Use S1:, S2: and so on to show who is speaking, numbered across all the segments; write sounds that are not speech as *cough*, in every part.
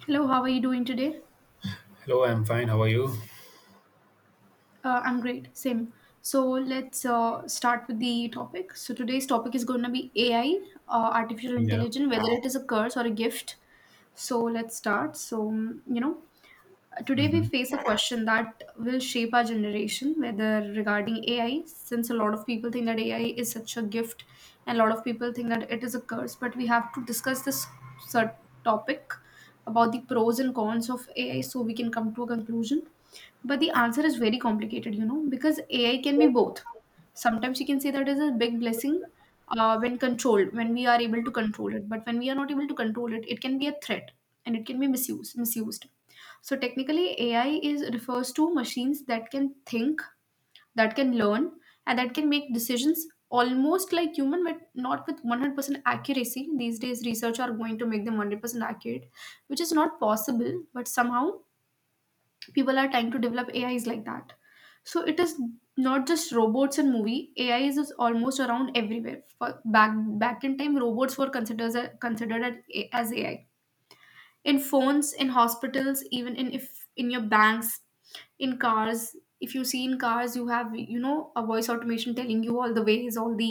S1: Hello, how are you doing today?
S2: Hello, I'm fine. How are you?
S1: I'm great, same. So let's start with the topic. So today's topic is going to be AI, artificial
S2: Yeah.
S1: intelligence, whether it is a curse or a gift. So let's start. So, today we
S2: Hmm.
S1: face a question that will shape our generation, whether regarding AI, since a lot of people think that AI is such a gift and a lot of people think that it is a curse, but we have to discuss this cert- topic about the pros and cons of AI so we can come to a conclusion. But the answer is very complicated, you know, because AI can be both. Sometimes you can say that is a big blessing when controlled, when we are able to control it. But when we are not able to control it, it can be a threat and it can be misused. Misused. So technically, AI is refers to machines that can think, that can learn, and that can make decisions almost like human, but not with 100% accuracy. These days, research are going to make them 100% accurate, which is not possible. But somehow people are trying to develop AIs like that. So it is not just robots and movie. AIs is almost around everywhere. For back in time, robots were considered considered as AI in phones, in hospitals, even in if in your banks, in cars if you see in cars you have you know a voice automation telling you all the ways all the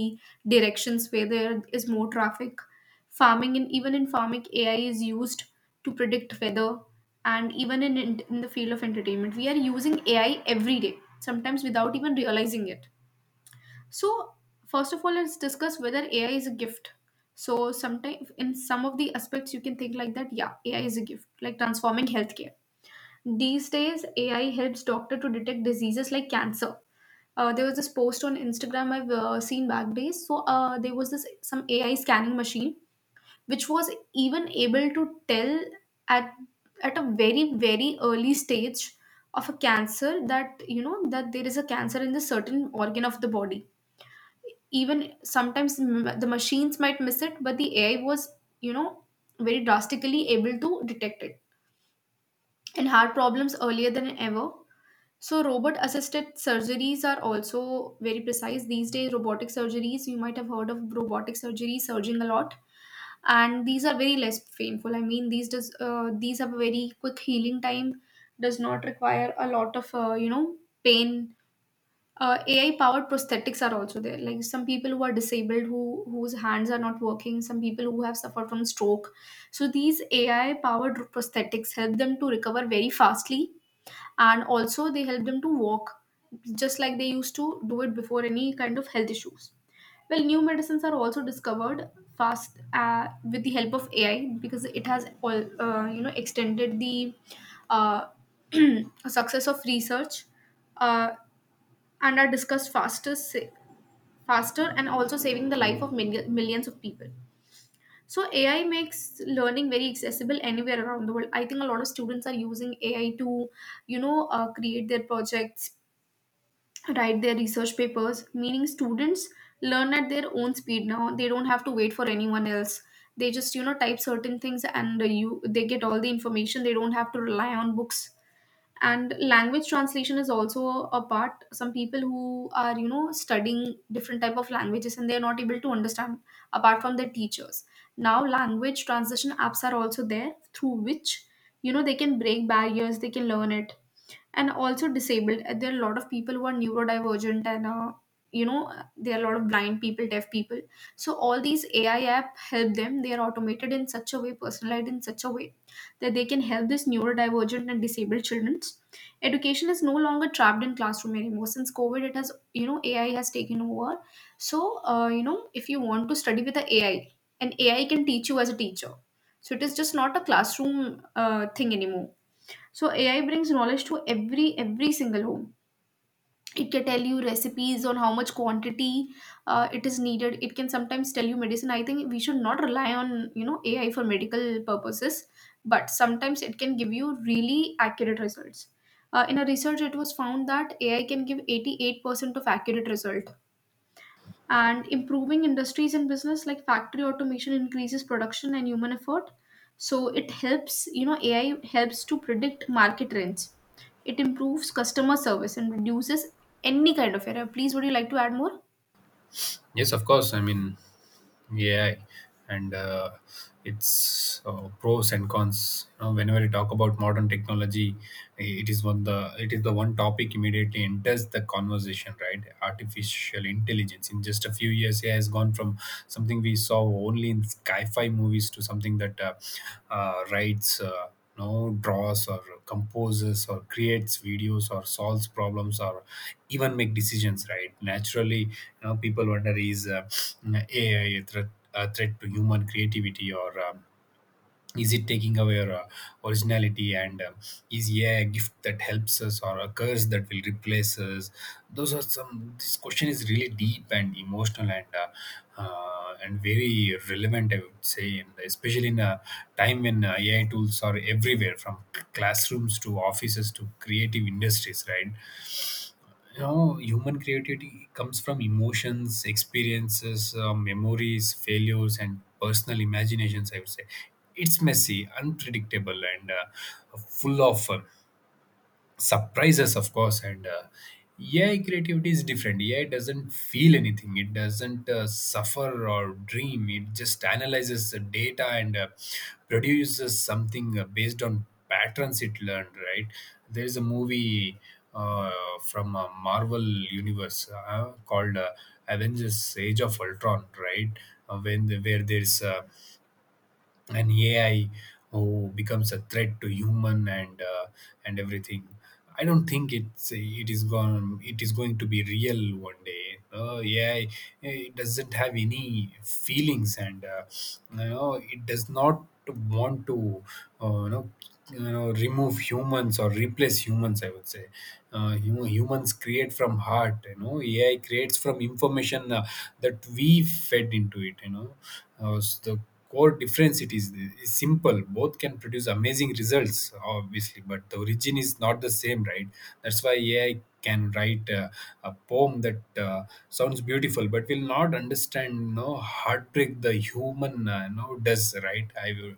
S1: directions where there is more traffic, farming, and even in farming AI is used to predict weather. And even in the field of entertainment we are using AI every day sometimes without even realizing it. So first of all let's discuss whether AI is a gift. So sometimes in some of the aspects you can think like that, yeah, AI is a gift, like transforming healthcare. These days, AI helps doctor to detect diseases like cancer. There was this post on Instagram I've seen back days. So there was this some AI scanning machine which was even able to tell at at a very very early stage of a cancer that you know that there is a cancer in the certain organ of the body. Even sometimes the machines might miss it, but the AI was, you know, very drastically able to detect it. And heart problems earlier than ever. So robot assisted surgeries are also very precise. These days, robotic surgeries, you might have heard of robotic surgery surging a lot, and these are very less painful. I mean, these does these have a very quick healing time, does not require a lot of pain. AI powered prosthetics are also there. Like some people who are disabled, whose hands are not working, some people who have suffered from stroke. So these AI powered prosthetics help them to recover very fastly, and also they help them to walk just like they used to do it before any kind of health issues. Well, new medicines are also discovered fast with the help of AI, because it has all extended the uh, *clears throat* success of research, uh, and are discussed faster, and also saving the life of millions of people. So AI makes learning very accessible anywhere around the world. I think a lot of students are using AI to create their projects, write their research papers, meaning students learn at their own speed now. They don't have to wait for anyone else. They just, you know, type certain things, and you they get all the information. They don't have to rely on books. And language translation is also a part. Some people who are, you know, studying different type of languages and they're not able to understand apart from their teachers. Now language translation apps are also there through which, you know, they can break barriers, they can learn it, and also disabled. There are a lot of people who are neurodivergent, and there are a lot of blind people, deaf people. So all these AI app help them. They are automated in such a way, personalized in such a way that they can help these neurodivergent and disabled children. Education is no longer trapped in classroom anymore. Since COVID, it has, you know, AI has taken over. So if you want to study with the AI, an AI can teach you as a teacher. So it is just not a classroom thing anymore. So AI brings knowledge to every single home. It can tell you recipes on how much quantity it is needed. It can sometimes tell you medicine. I think we should not rely on, you know, AI for medical purposes, but sometimes it can give you really accurate results. In a research, it was found that AI can give 88% of accurate result, and improving industries and business like factory automation increases production and human effort. So it helps, you know, AI helps to predict market trends. It improves customer service and reduces any kind of error. Please, would you like to add more?
S2: Yes, of course. I mean, AI and its pros and cons. You know, whenever you talk about modern technology, it is the one topic immediately enters the conversation, right? Artificial intelligence. In just a few years, AI has gone from something we saw only in sci-fi movies to something that writes. Know draws or composes or creates videos or solves problems or even make decisions, right? Naturally, you know, people wonder, is AI a threat to human creativity, or is it taking away our originality, and is, yeah, a gift that helps us or a curse that will replace us? Those are some This question is really deep and emotional, and very relevant, I would say, and especially in a time when AI tools are everywhere, from classrooms to offices to creative industries, right? You know, human creativity comes from emotions, experiences, memories, failures, and personal imaginations. I would say it's messy, unpredictable, and full of fun surprises, of course. And AI creativity is different. AI doesn't feel anything. It doesn't suffer or dream. It just analyzes the data and produces something based on patterns it learned, right? There is a movie uh, from a Marvel universe called Avengers: Age of Ultron, right? Where there's and AI who becomes a threat to human, and everything. I don't think it is gone. It is going to be real one day. AI, it doesn't have any feelings, and it does not want to uh, you know remove humans or replace humans, I would say. Humans create from heart. AI creates from information that we fed into it. The core difference, is simple. Both can produce amazing results, obviously, but the origin is not the same, right? That's why AI can write a poem that sounds beautiful, but will not understand heartbreak the human does, right? i will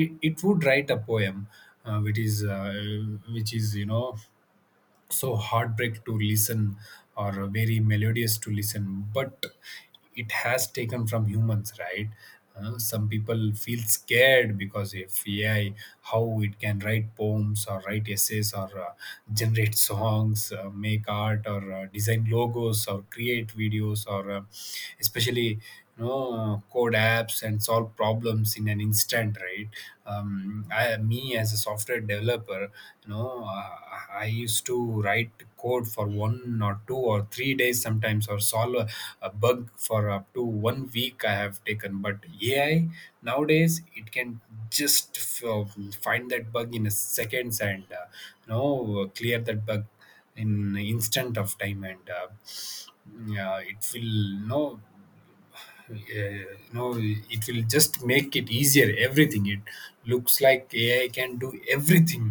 S2: it, it would write a poem uh, which is uh, which is so heartbreak to listen or very melodious to listen, but it has taken from humans, right? Some people feel scared because if AI, how it can write poems or write essays or generate songs, make art, or design logos, or create videos, or especially code apps and solve problems in an instant, right? Me as a software developer, you know uh, I used to write code for one or two or three days sometimes, or solve a bug for up to one week I have taken. But AI nowadays, it can just find that bug in a seconds, and clear that bug in instant of time, and yeah, it will, no, uh, you it will just make it easier. Everything, it looks like AI can do everything,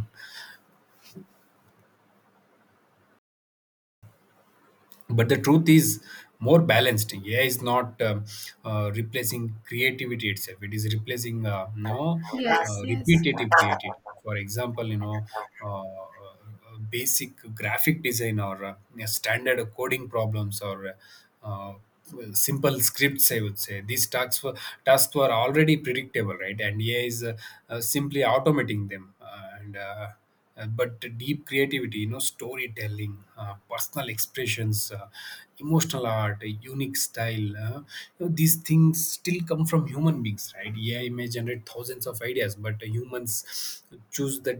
S2: but the truth is more balanced. AI is not replacing creativity itself. It is replacing
S1: Yes, yes.
S2: repetitive creativity, for example, basic graphic design or yeah, standard coding problems, or uh, well, simple scripts, I would say. These tasks were already predictable, right? And AI is simply automating them, and but deep creativity, you know, storytelling, personal expressions, emotional art, a unique style, these things still come from human beings, right? AI may generate thousands of ideas, but humans choose the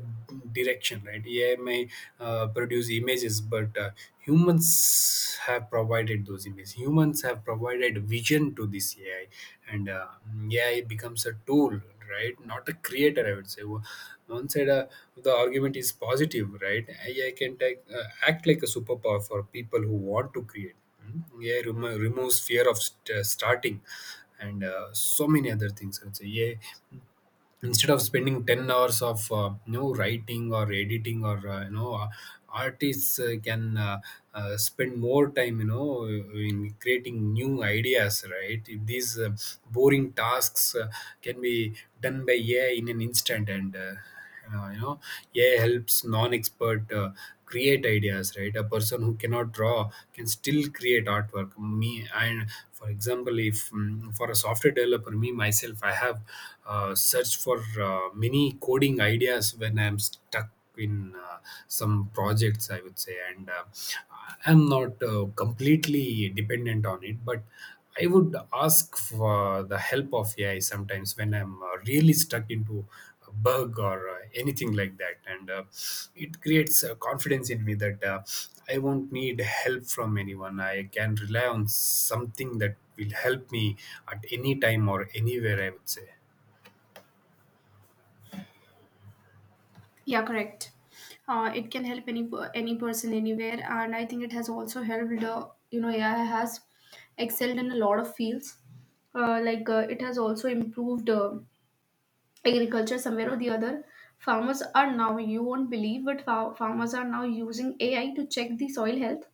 S2: direction, right? AI may produce images, but humans have provided those images. Humans have provided vision to this AI, and AI becomes a tool, right, not a creator, I would say. One side, the argument is positive, right? AI can act like a superpower for people who want to create. Mm. AI removes fear of starting, and so many other things, I would say. AI, instead of spending 10 hours of writing or editing or artists can spend more time in creating new ideas, right? If these boring tasks can be done by AI in an instant, and uh, you know AI helps non-expert create ideas, right? A person who cannot draw can still create artwork. Me, and for example, if mm, for a software developer, me myself, I have searched for many coding ideas when I'm stuck in uh, some projects, I would say, and I'm not completely dependent on it, but I would ask for the help of AI sometimes when I'm really stuck into a bug or anything like that, and it creates confidence in me that I won't need help from anyone. I can rely on something that will help me at any time or anywhere, I would say.
S1: Yeah, correct. It can help any any person anywhere, and I think it has also helped, AI has excelled in a lot of fields. It has also improved agriculture somewhere or the other. Farmers are now, you won't believe, but farmers are now using AI to check the soil health.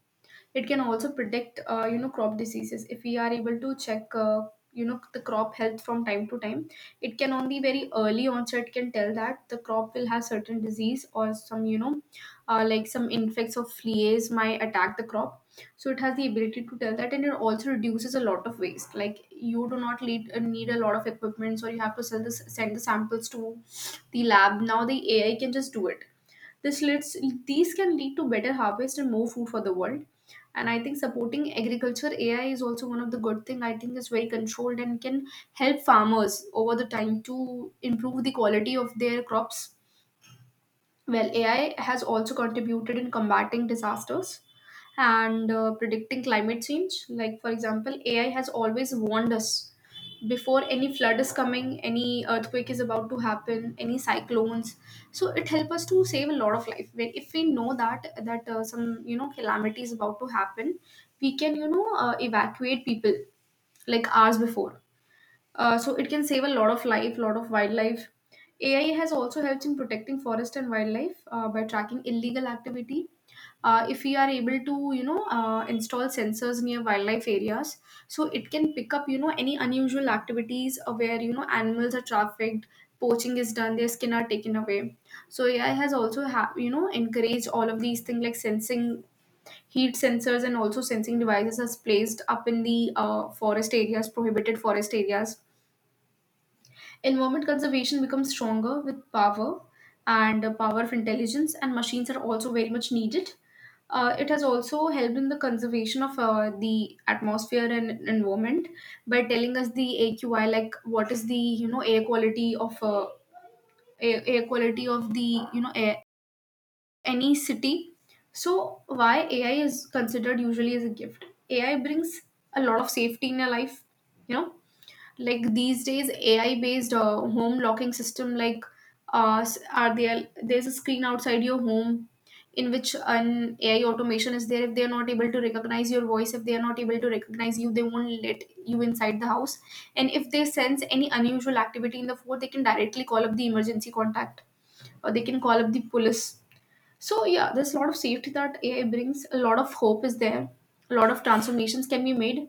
S1: It can also predict, crop diseases. If we are able to check, the crop health from time to time, it can only very early onset can tell that the crop will have certain disease or some, you know, like some infects or fleas might attack the crop. So it has the ability to tell that, and it also reduces a lot of waste, like you do not need a lot of equipment, or you have to sell this send the samples to the lab. Now the AI can just do it. This leads These can lead to better harvest and more food for the world. And I think supporting agriculture, AI is also one of the good thing. I think it's very controlled and can help farmers over the time to improve the quality of their crops. Well, AI has also contributed in combating disasters and predicting climate change. Like, for example, AI has always warned us before any flood is coming, any earthquake is about to happen, any cyclones. So it helps us to save a lot of life. When if we know that some, you know, calamity is about to happen, we can, evacuate people like hours before. Uh, so it can save a lot of life, lot of wildlife. AI has also helped in protecting forest and wildlife by tracking illegal activity. If we are able to, you know, install sensors near wildlife areas, so it can pick up, you know, any unusual activities where, you know, animals are trafficked, poaching is done, their skin are taken away. So AI has also, encouraged all of these things, like sensing heat sensors, and also sensing devices are placed up in the forest areas, prohibited forest areas. Environment conservation becomes stronger with power and power of intelligence, and machines are also very much needed. It has also helped in the conservation of the atmosphere and environment by telling us the AQI, like what is the, you know, air quality of air quality of the, you know, air, any city. So why AI is considered usually as a gift? AI brings a lot of safety in your life, you know, like these days AI based home locking system, like are there, there's a screen outside your home in which an AI automation is there. If they are not able to recognize your voice, if they are not able to recognize you, they won't let you inside the house. And if they sense any unusual activity in the fort, they can directly call up the emergency contact, or they can call up the police. So yeah, there's a lot of safety that AI brings. A lot of hope is there. A lot of transformations can be made.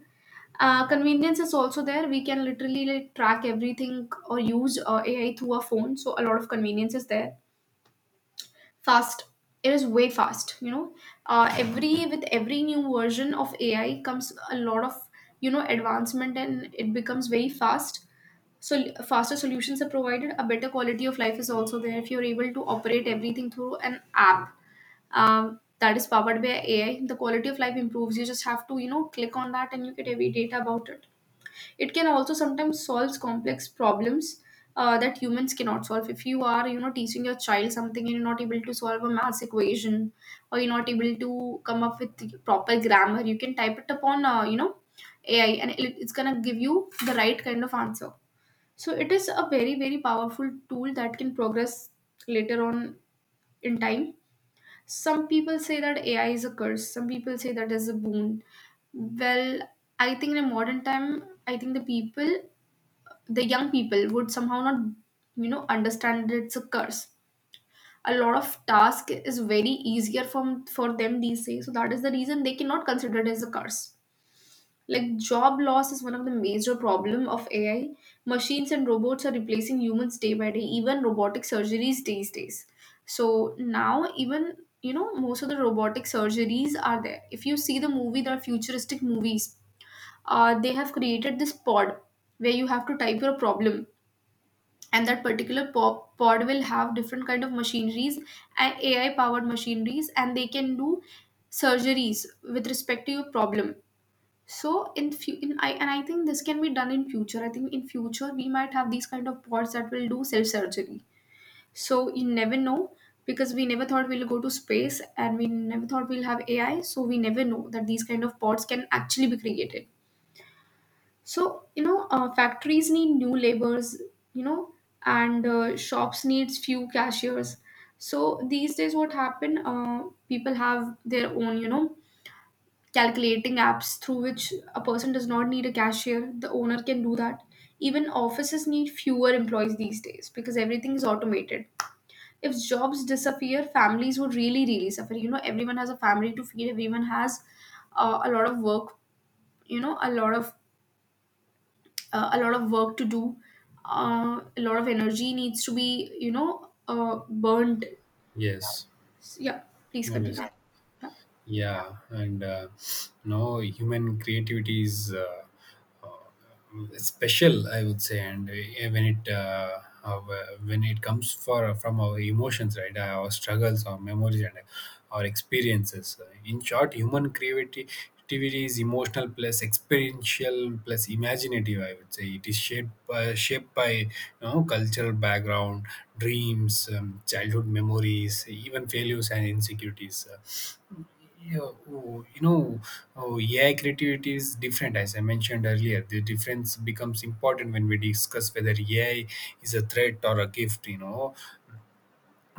S1: Convenience is also there. We can literally, like, track everything or use AI through our phone. So a lot of convenience is there. Fast. It is way fast. You know, every with every new version of AI comes a lot of, you know, advancement, and it becomes very fast. So faster solutions are provided. A better quality of life is also there if you're able to operate everything through an app that is powered by AI. The quality of life improves. You just have to, you know, click on that and you get every data about it. It can also sometimes solves complex problems that humans cannot solve. If you are, you know, teaching your child something and you're not able to solve a math equation, or you're not able to come up with the proper grammar. You can type it upon, AI and it's gonna give you the right kind of answer. So it is a very, very powerful tool that can progress later on in time. Some people say that AI is a curse, some people say that is a boon. Well, I think in a modern time, I think the people, the young people would somehow not, you know, understand that it's a curse. A lot of task is very easier from for them these days, so that is the reason they cannot consider it as a curse. Like, job loss is one of the major problem of AI. Machines and robots are replacing humans day by day, even robotic surgeries these days. So now even, you know, most of the robotic surgeries are there. If you see the movie, there are futuristic movies. They have created this pod where you have to type your problem, and that particular pod will have different kind of machineries and AI powered machineries, and they can do surgeries with respect to your problem. So in few in I and I think this can be done in future. I think in future we might have these kind of bots that will do self surgery. So you never know, because we never thought we'll go to space, and we never thought we'll have AI. So we never know that these kind of bots can actually be created. So you know, factories need new laborers. You know, and shops needs few cashiers. So these days what happen? People have their own, you know, calculating apps through which a person does not need a cashier. The owner can do that. Even offices need fewer employees these days because everything is automated. If jobs disappear, families would really, really suffer. You know, everyone has a family to feed, everyone has a lot of work, you know, a lot of work to do, a lot of energy needs to be, you know, burned.
S2: Yes,
S1: Yeah, please continue.
S2: obviously.
S1: Yeah,
S2: Yeah, and no, human creativity is uh, special, I would say, and when it uh, when it comes for from our emotions, right, our struggles, our memories, and our experiences. In short, human creativity. Creativity is emotional plus experiential plus imaginative. I would say it is shaped by cultural background, dreams, childhood memories, even failures and insecurities. Yeah, oh, oh, AI creativity is different, as I mentioned earlier. The difference becomes important when we discuss whether AI is a threat or a gift.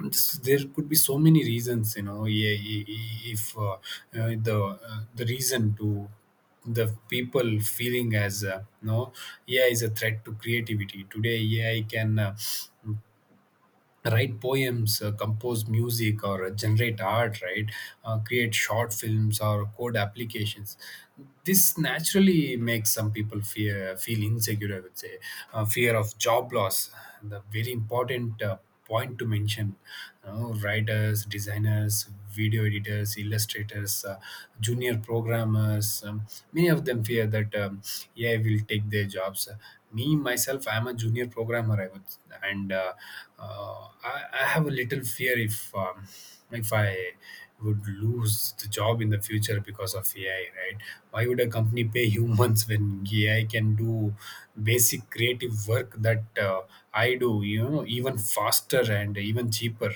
S2: There could be so many reasons. Yeah, if uh, the the reason to the people feeling as no, AI is a threat to creativity today. AI can, write poems, compose music, or generate art, right? Create short films or code applications. This naturally makes some people fear, feel insecure, I would say. Fear of job loss, the very important point to mention. You know, writers, designers, video editors, illustrators, junior programmers, many of them constant fear that AI will take their jobs. Me myself, I am a junior programmer. I would, and I have a little fear if if I would lose the job in the future because of AI, right? Why would a company pay humans *laughs* when AI can do basic creative work that I do? You know, even faster and even cheaper,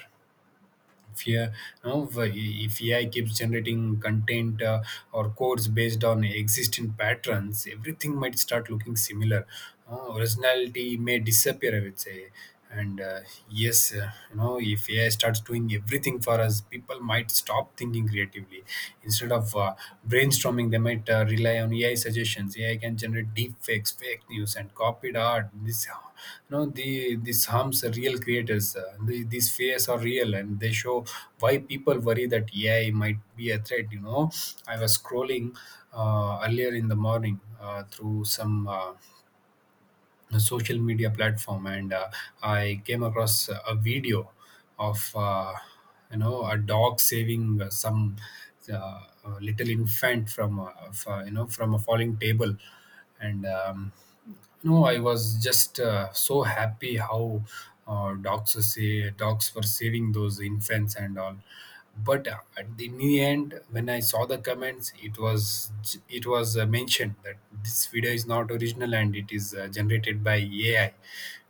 S2: if you know, if AI keeps generating content or codes based on existing patterns, everything might start looking similar. Originality may disappear, I would say. And yes, if AI starts doing everything for us, people might stop thinking creatively. Instead of brainstorming, they might rely on AI suggestions. AI can generate deep fakes, fake news, and copied art. This harms the real creators. These fears are real and they show why people worry that AI might be a threat. I was scrolling earlier in the morning through some a social media platform, and I came across a video of a dog saving some uh, little infant from from a falling table, and no, I was just so happy how dogs were saving those infants and all. But at the in end, when I saw the comments, it was mentioned that this video is not original and it is generated by AI.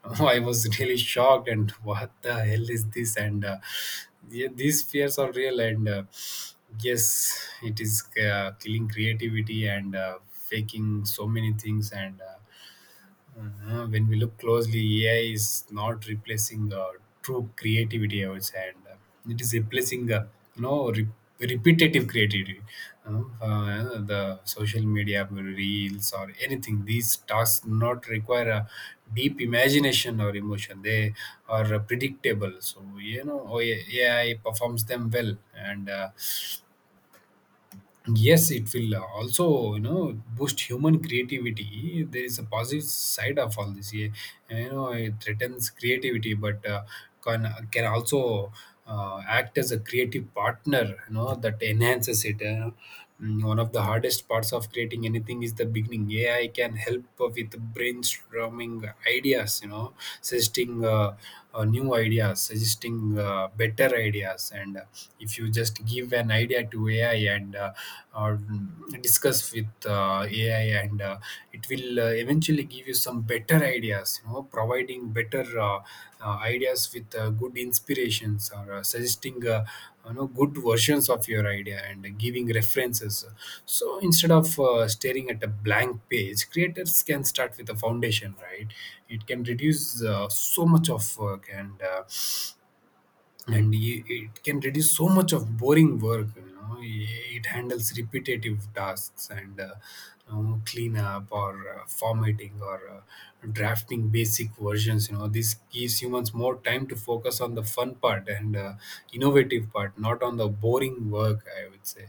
S2: I *laughs* I was really shocked, and what the hell is this? And yeah, these fears are real, and yes, it is killing creativity and faking so many things, and. When we look closely, AI is not replacing true creativity, I would say, and it is replacing, you know, re- repetitive creativity. The social media reels or anything. These tasks do not require a deep imagination or emotion. They are predictable. So AI performs them well, and yes, it will also boost human creativity. There is a positive side of all this. Yeah, it threatens creativity, but can also act as a creative partner that enhances it. One of the hardest parts of creating anything is the beginning. AI can help with brainstorming ideas, suggesting new ideas, suggesting better ideas. And If you just give an idea to AI and uh, discuss with AI, and it will eventually give you some better ideas. You know, providing better ideas with good inspirations or suggesting. You know, good versions of your idea and giving references. So instead of staring at a blank page, creators can start with a foundation, right? It can reduce so much of work, and it can reduce so much of boring work. You know, it handles repetitive tasks and cleanup or formatting or drafting basic versions. You know, this gives humans more time to focus on the fun part and innovative part, not on the boring work, I would say.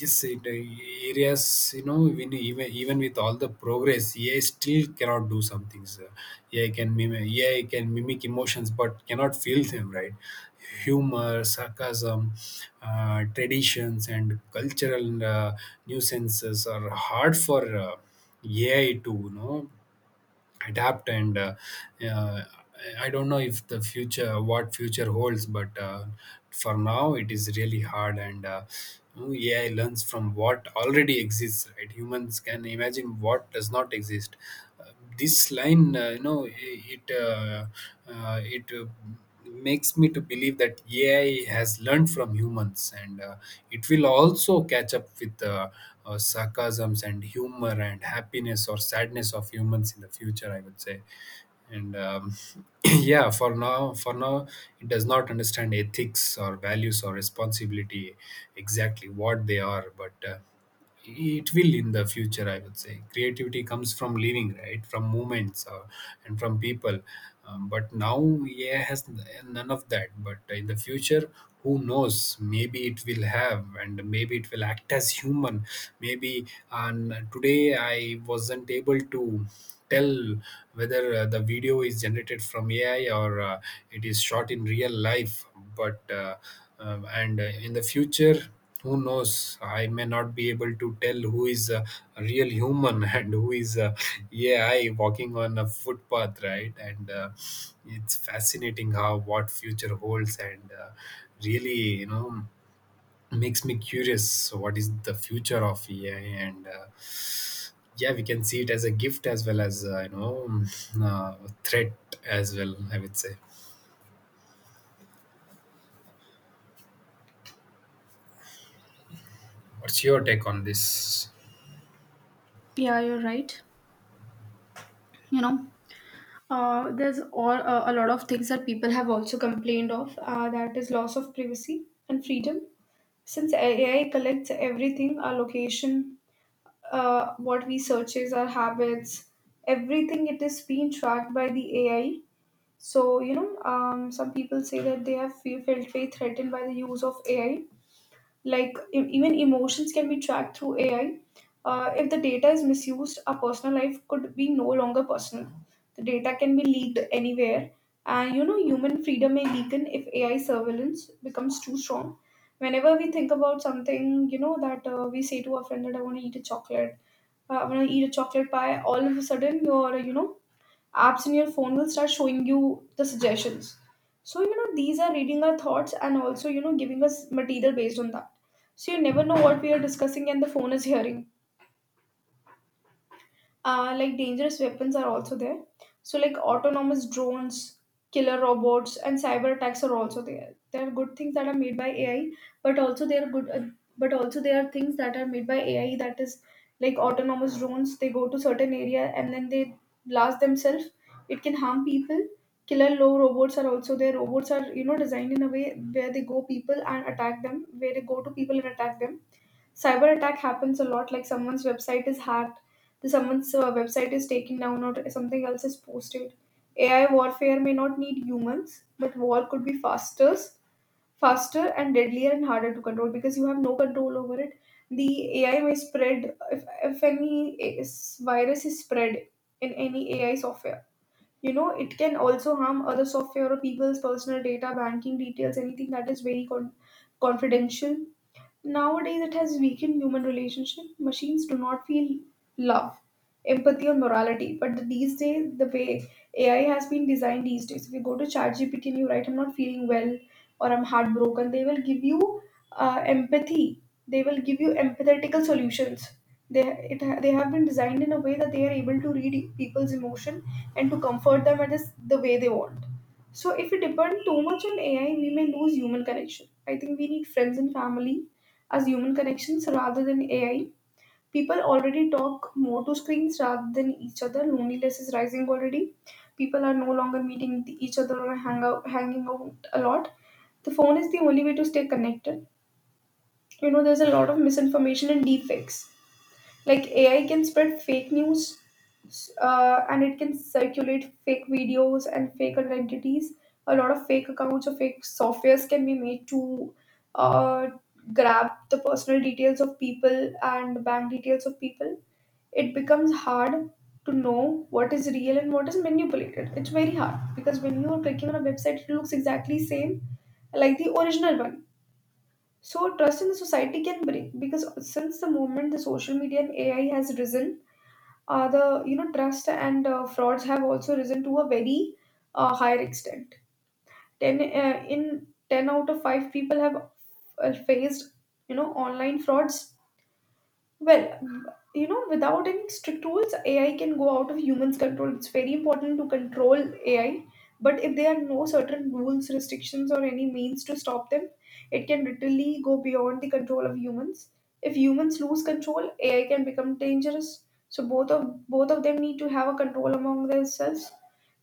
S2: Yes, it areas. You know, even with all the progress, AI still cannot do some things. AI can mimic emotions but cannot feel them, right? Humor, sarcasm, traditions and cultural uh, nuisances are hard for AI to, you know, adapt and uh, I don't know if the future what future holds, but for now it is really hard. And AI learns from what already exists, right? Humans can imagine what does not exist. uh, this line, you know it it makes me to believe that AI has learned from humans, and it will also catch up with sarcasms and humor and happiness or sadness of humans in the future, I would say. And *clears throat* yeah, for now, it does not understand ethics or values or responsibility exactly what they are, but it will in the future, I would say. Creativity comes from living, right? From moments and from people. But now, yeah, has none of that, but in the future, who knows? Maybe it will have, and maybe it will act as human. Maybe. And today I wasn't able to tell whether the video is generated from AI or it is shot in real life. But and In the future, who knows? I may not be able to tell who is a real human *laughs* and who is a AI walking on a footpath, right? And It's fascinating how what future holds, and really, you know, makes me curious. So what is the future of AI? And Yeah, we can see it as a gift as well as, uh, threat as well, I would say. What's your take on this?
S1: yeah, you're right. You know, there's all, a lot of things that people have also complained of, that is loss of privacy and freedom. Since AI collects everything, our location, what we searches, our habits, everything it is being tracked by the AI. So you know, some people say that they have felt very threatened by the use of AI, like even emotions can be tracked through AI. If the data is misused, our personal life could be no longer personal. The data can be leaked anywhere, and you know, human freedom may weaken if AI surveillance becomes too strong. Whenever we think about something, you know, that we say to our friend that I want to eat a chocolate, I want to eat a chocolate pie. All of a sudden, you know, apps in your phone will start showing you the suggestions. So you know, these are reading our thoughts and also, you know, giving us material based on that. So you never know what we are discussing and the phone is hearing. Uh, like, dangerous weapons are also there. So like, autonomous drones, killer robots, and cyber attacks are also there. There are good things that are made by AI, but also there are things that are made by AI that is like autonomous drones. They go to certain area and then they blast themselves. It can harm people. Killer low robots are also there. Robots are, you know, designed in a way where they go to people and attack them. Cyber attack happens a lot. Like, someone's website is hacked, the someone's website is taken down, or something else is posted. AI warfare may not need humans, but war could be faster, faster and deadlier and harder to control, because you have no control over it. The AI may spread if any virus is spread in any AI software. You know, it can also harm other software or people's personal data, banking details, anything that is very confidential. Nowadays, it has weakened human relationship. Machines do not feel love, empathy, or morality. But these days, the way AI has been designed these days, if you go to ChatGPT and you write, "I'm not feeling well" or "I'm heartbroken," they will give you empathy. They will give you empathetical solutions. They they have been designed in a way that they are able to read people's emotion and to comfort them at this, the way they want. So if we depend too much on AI, we may lose human connection. I think we need friends and family as human connections rather than AI. People already talk more to screens rather than each other. Loneliness is rising already. People are no longer meeting each other or hanging out a lot. The phone is the only way to stay connected. You know, there's a lot of misinformation and deepfakes. Like, AI can spread fake news, and it can circulate fake videos and fake identities. A lot of fake accounts or fake softwares can be made to uh, grab the personal details of people and bank details of people. It becomes hard to know what is real and what is manipulated. It's very hard, because when you are clicking on a website, it looks exactly same like the original one. So trust in the society can break, because since the moment the social media and AI has risen, the you know, trust and frauds have also risen to a very higher extent. 10 in 10 out of 5 people have faced, you know, online frauds. Well, you know, without any strict rules, AI can go out of humans' control. It's very important to control AI, but if there are no certain rules, restrictions, or any means to stop them, it can literally go beyond the control of humans. If humans lose control, AI can become dangerous. So both of them need to have a control among themselves.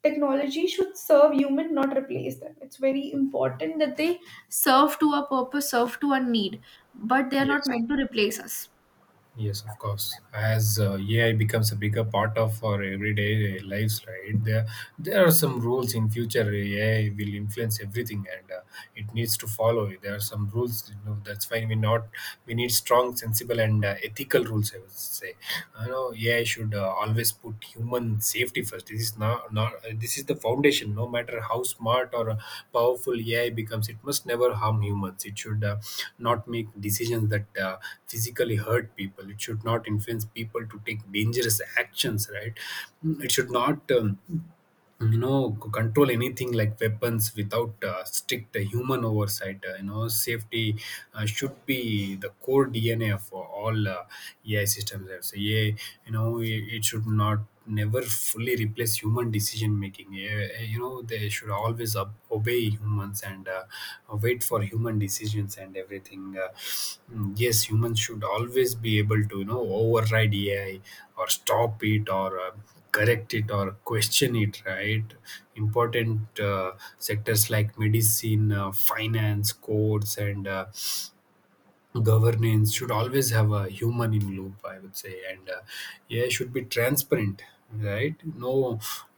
S1: Technology should serve human, not replace them. It's very important that they serve to a purpose, serve to a need, but they are not
S2: Yes.
S1: meant to.
S2: Yes, of course. As AI becomes a bigger part of our everyday lives, right? There are some rules in future. AI will influence everything, and it needs to follow. There are some rules. You know, that's why we not we need strong, sensible, and ethical rules, I would say. You know, AI should always put human safety first. This is not, not this is the foundation. No matter how smart or powerful AI becomes, it must never harm humans. It should not make decisions that physically hurt people. It should not influence people to take dangerous actions. Right? It should not. You know, control anything like weapons without strict human oversight. You know, safety should be the core DNA for all AI systems, I would say. Yeah, you know, it should not never fully replace human decision making. Yeah, you know, they should always obey humans and wait for human decisions and everything. Yes, humans should always be able to, you know, override AI or stop it or correct it or question it, right? Important sectors like medicine, finance, courts, and governance should always have a human in loop, I would say. And AI should be transparent, right? No,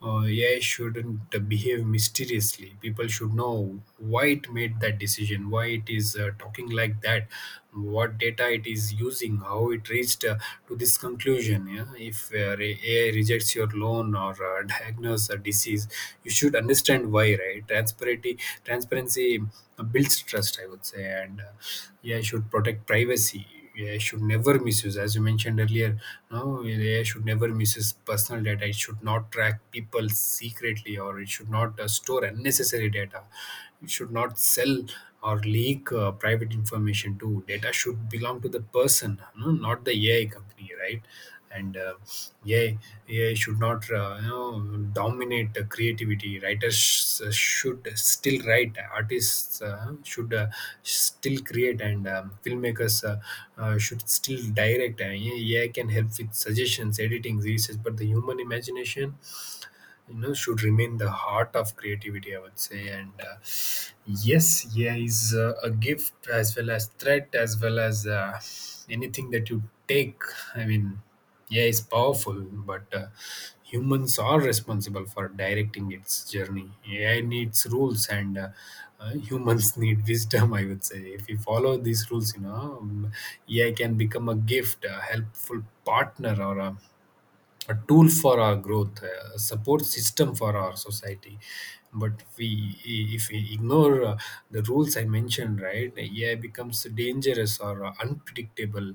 S2: AI shouldn't behave mysteriously. People should know why it made that decision, why it is talking like that, what data it is using, how it reached to this conclusion. Yeah, if AI rejects your loan or *laughs* diagnose a disease, you should understand why, right? Transparency, transparency builds trust, I would say. And yeah, should protect privacy. Yeah, should never misuse, as you mentioned earlier. No, yeah, should never misuse personal data. It should not track people secretly, or it should not store unnecessary data. It should not sell or leak private information. Too data should belong to the person, no, not the AI company, right? and Yeah, AI should not, you know, dominate the creativity. Writers should still write, artists should still create, and filmmakers should still direct. AI can help with suggestions, editing, research, but the human imagination, you know, should remain the heart of creativity, I would say. And yes, yeah, is a gift as well as threat, as well as anything that you take. I mean, yeah, is powerful, but humans are responsible for directing its journey. AI needs rules, and humans *laughs* need wisdom, I would say. If we follow these rules, you know, AI can become a gift, a helpful partner, or a tool for our growth, a support system for our society. But we, if we ignore the rules I mentioned, right, AI becomes dangerous or unpredictable,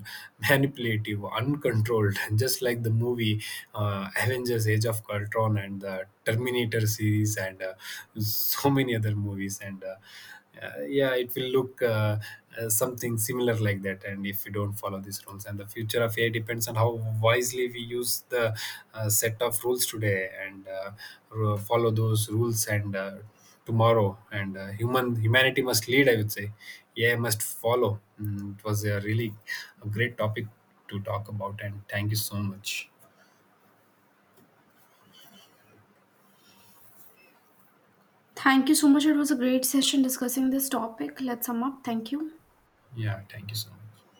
S2: manipulative, uncontrolled, *laughs* just like the movie Avengers: Age of Ultron and the Terminator series, and so many other movies. and yeah, it will look. Something similar like that. And if we don't follow these rules, and the future of AI depends on how wisely we use the set of rules today, and follow those rules, and tomorrow. And humanity must lead, I would say. AI must follow. Mm, it was a really a great topic to talk about, and thank you so much.
S1: Thank you so much. It was a great session discussing this topic. Let's sum up. Thank you.
S2: Yeah, thank you so much.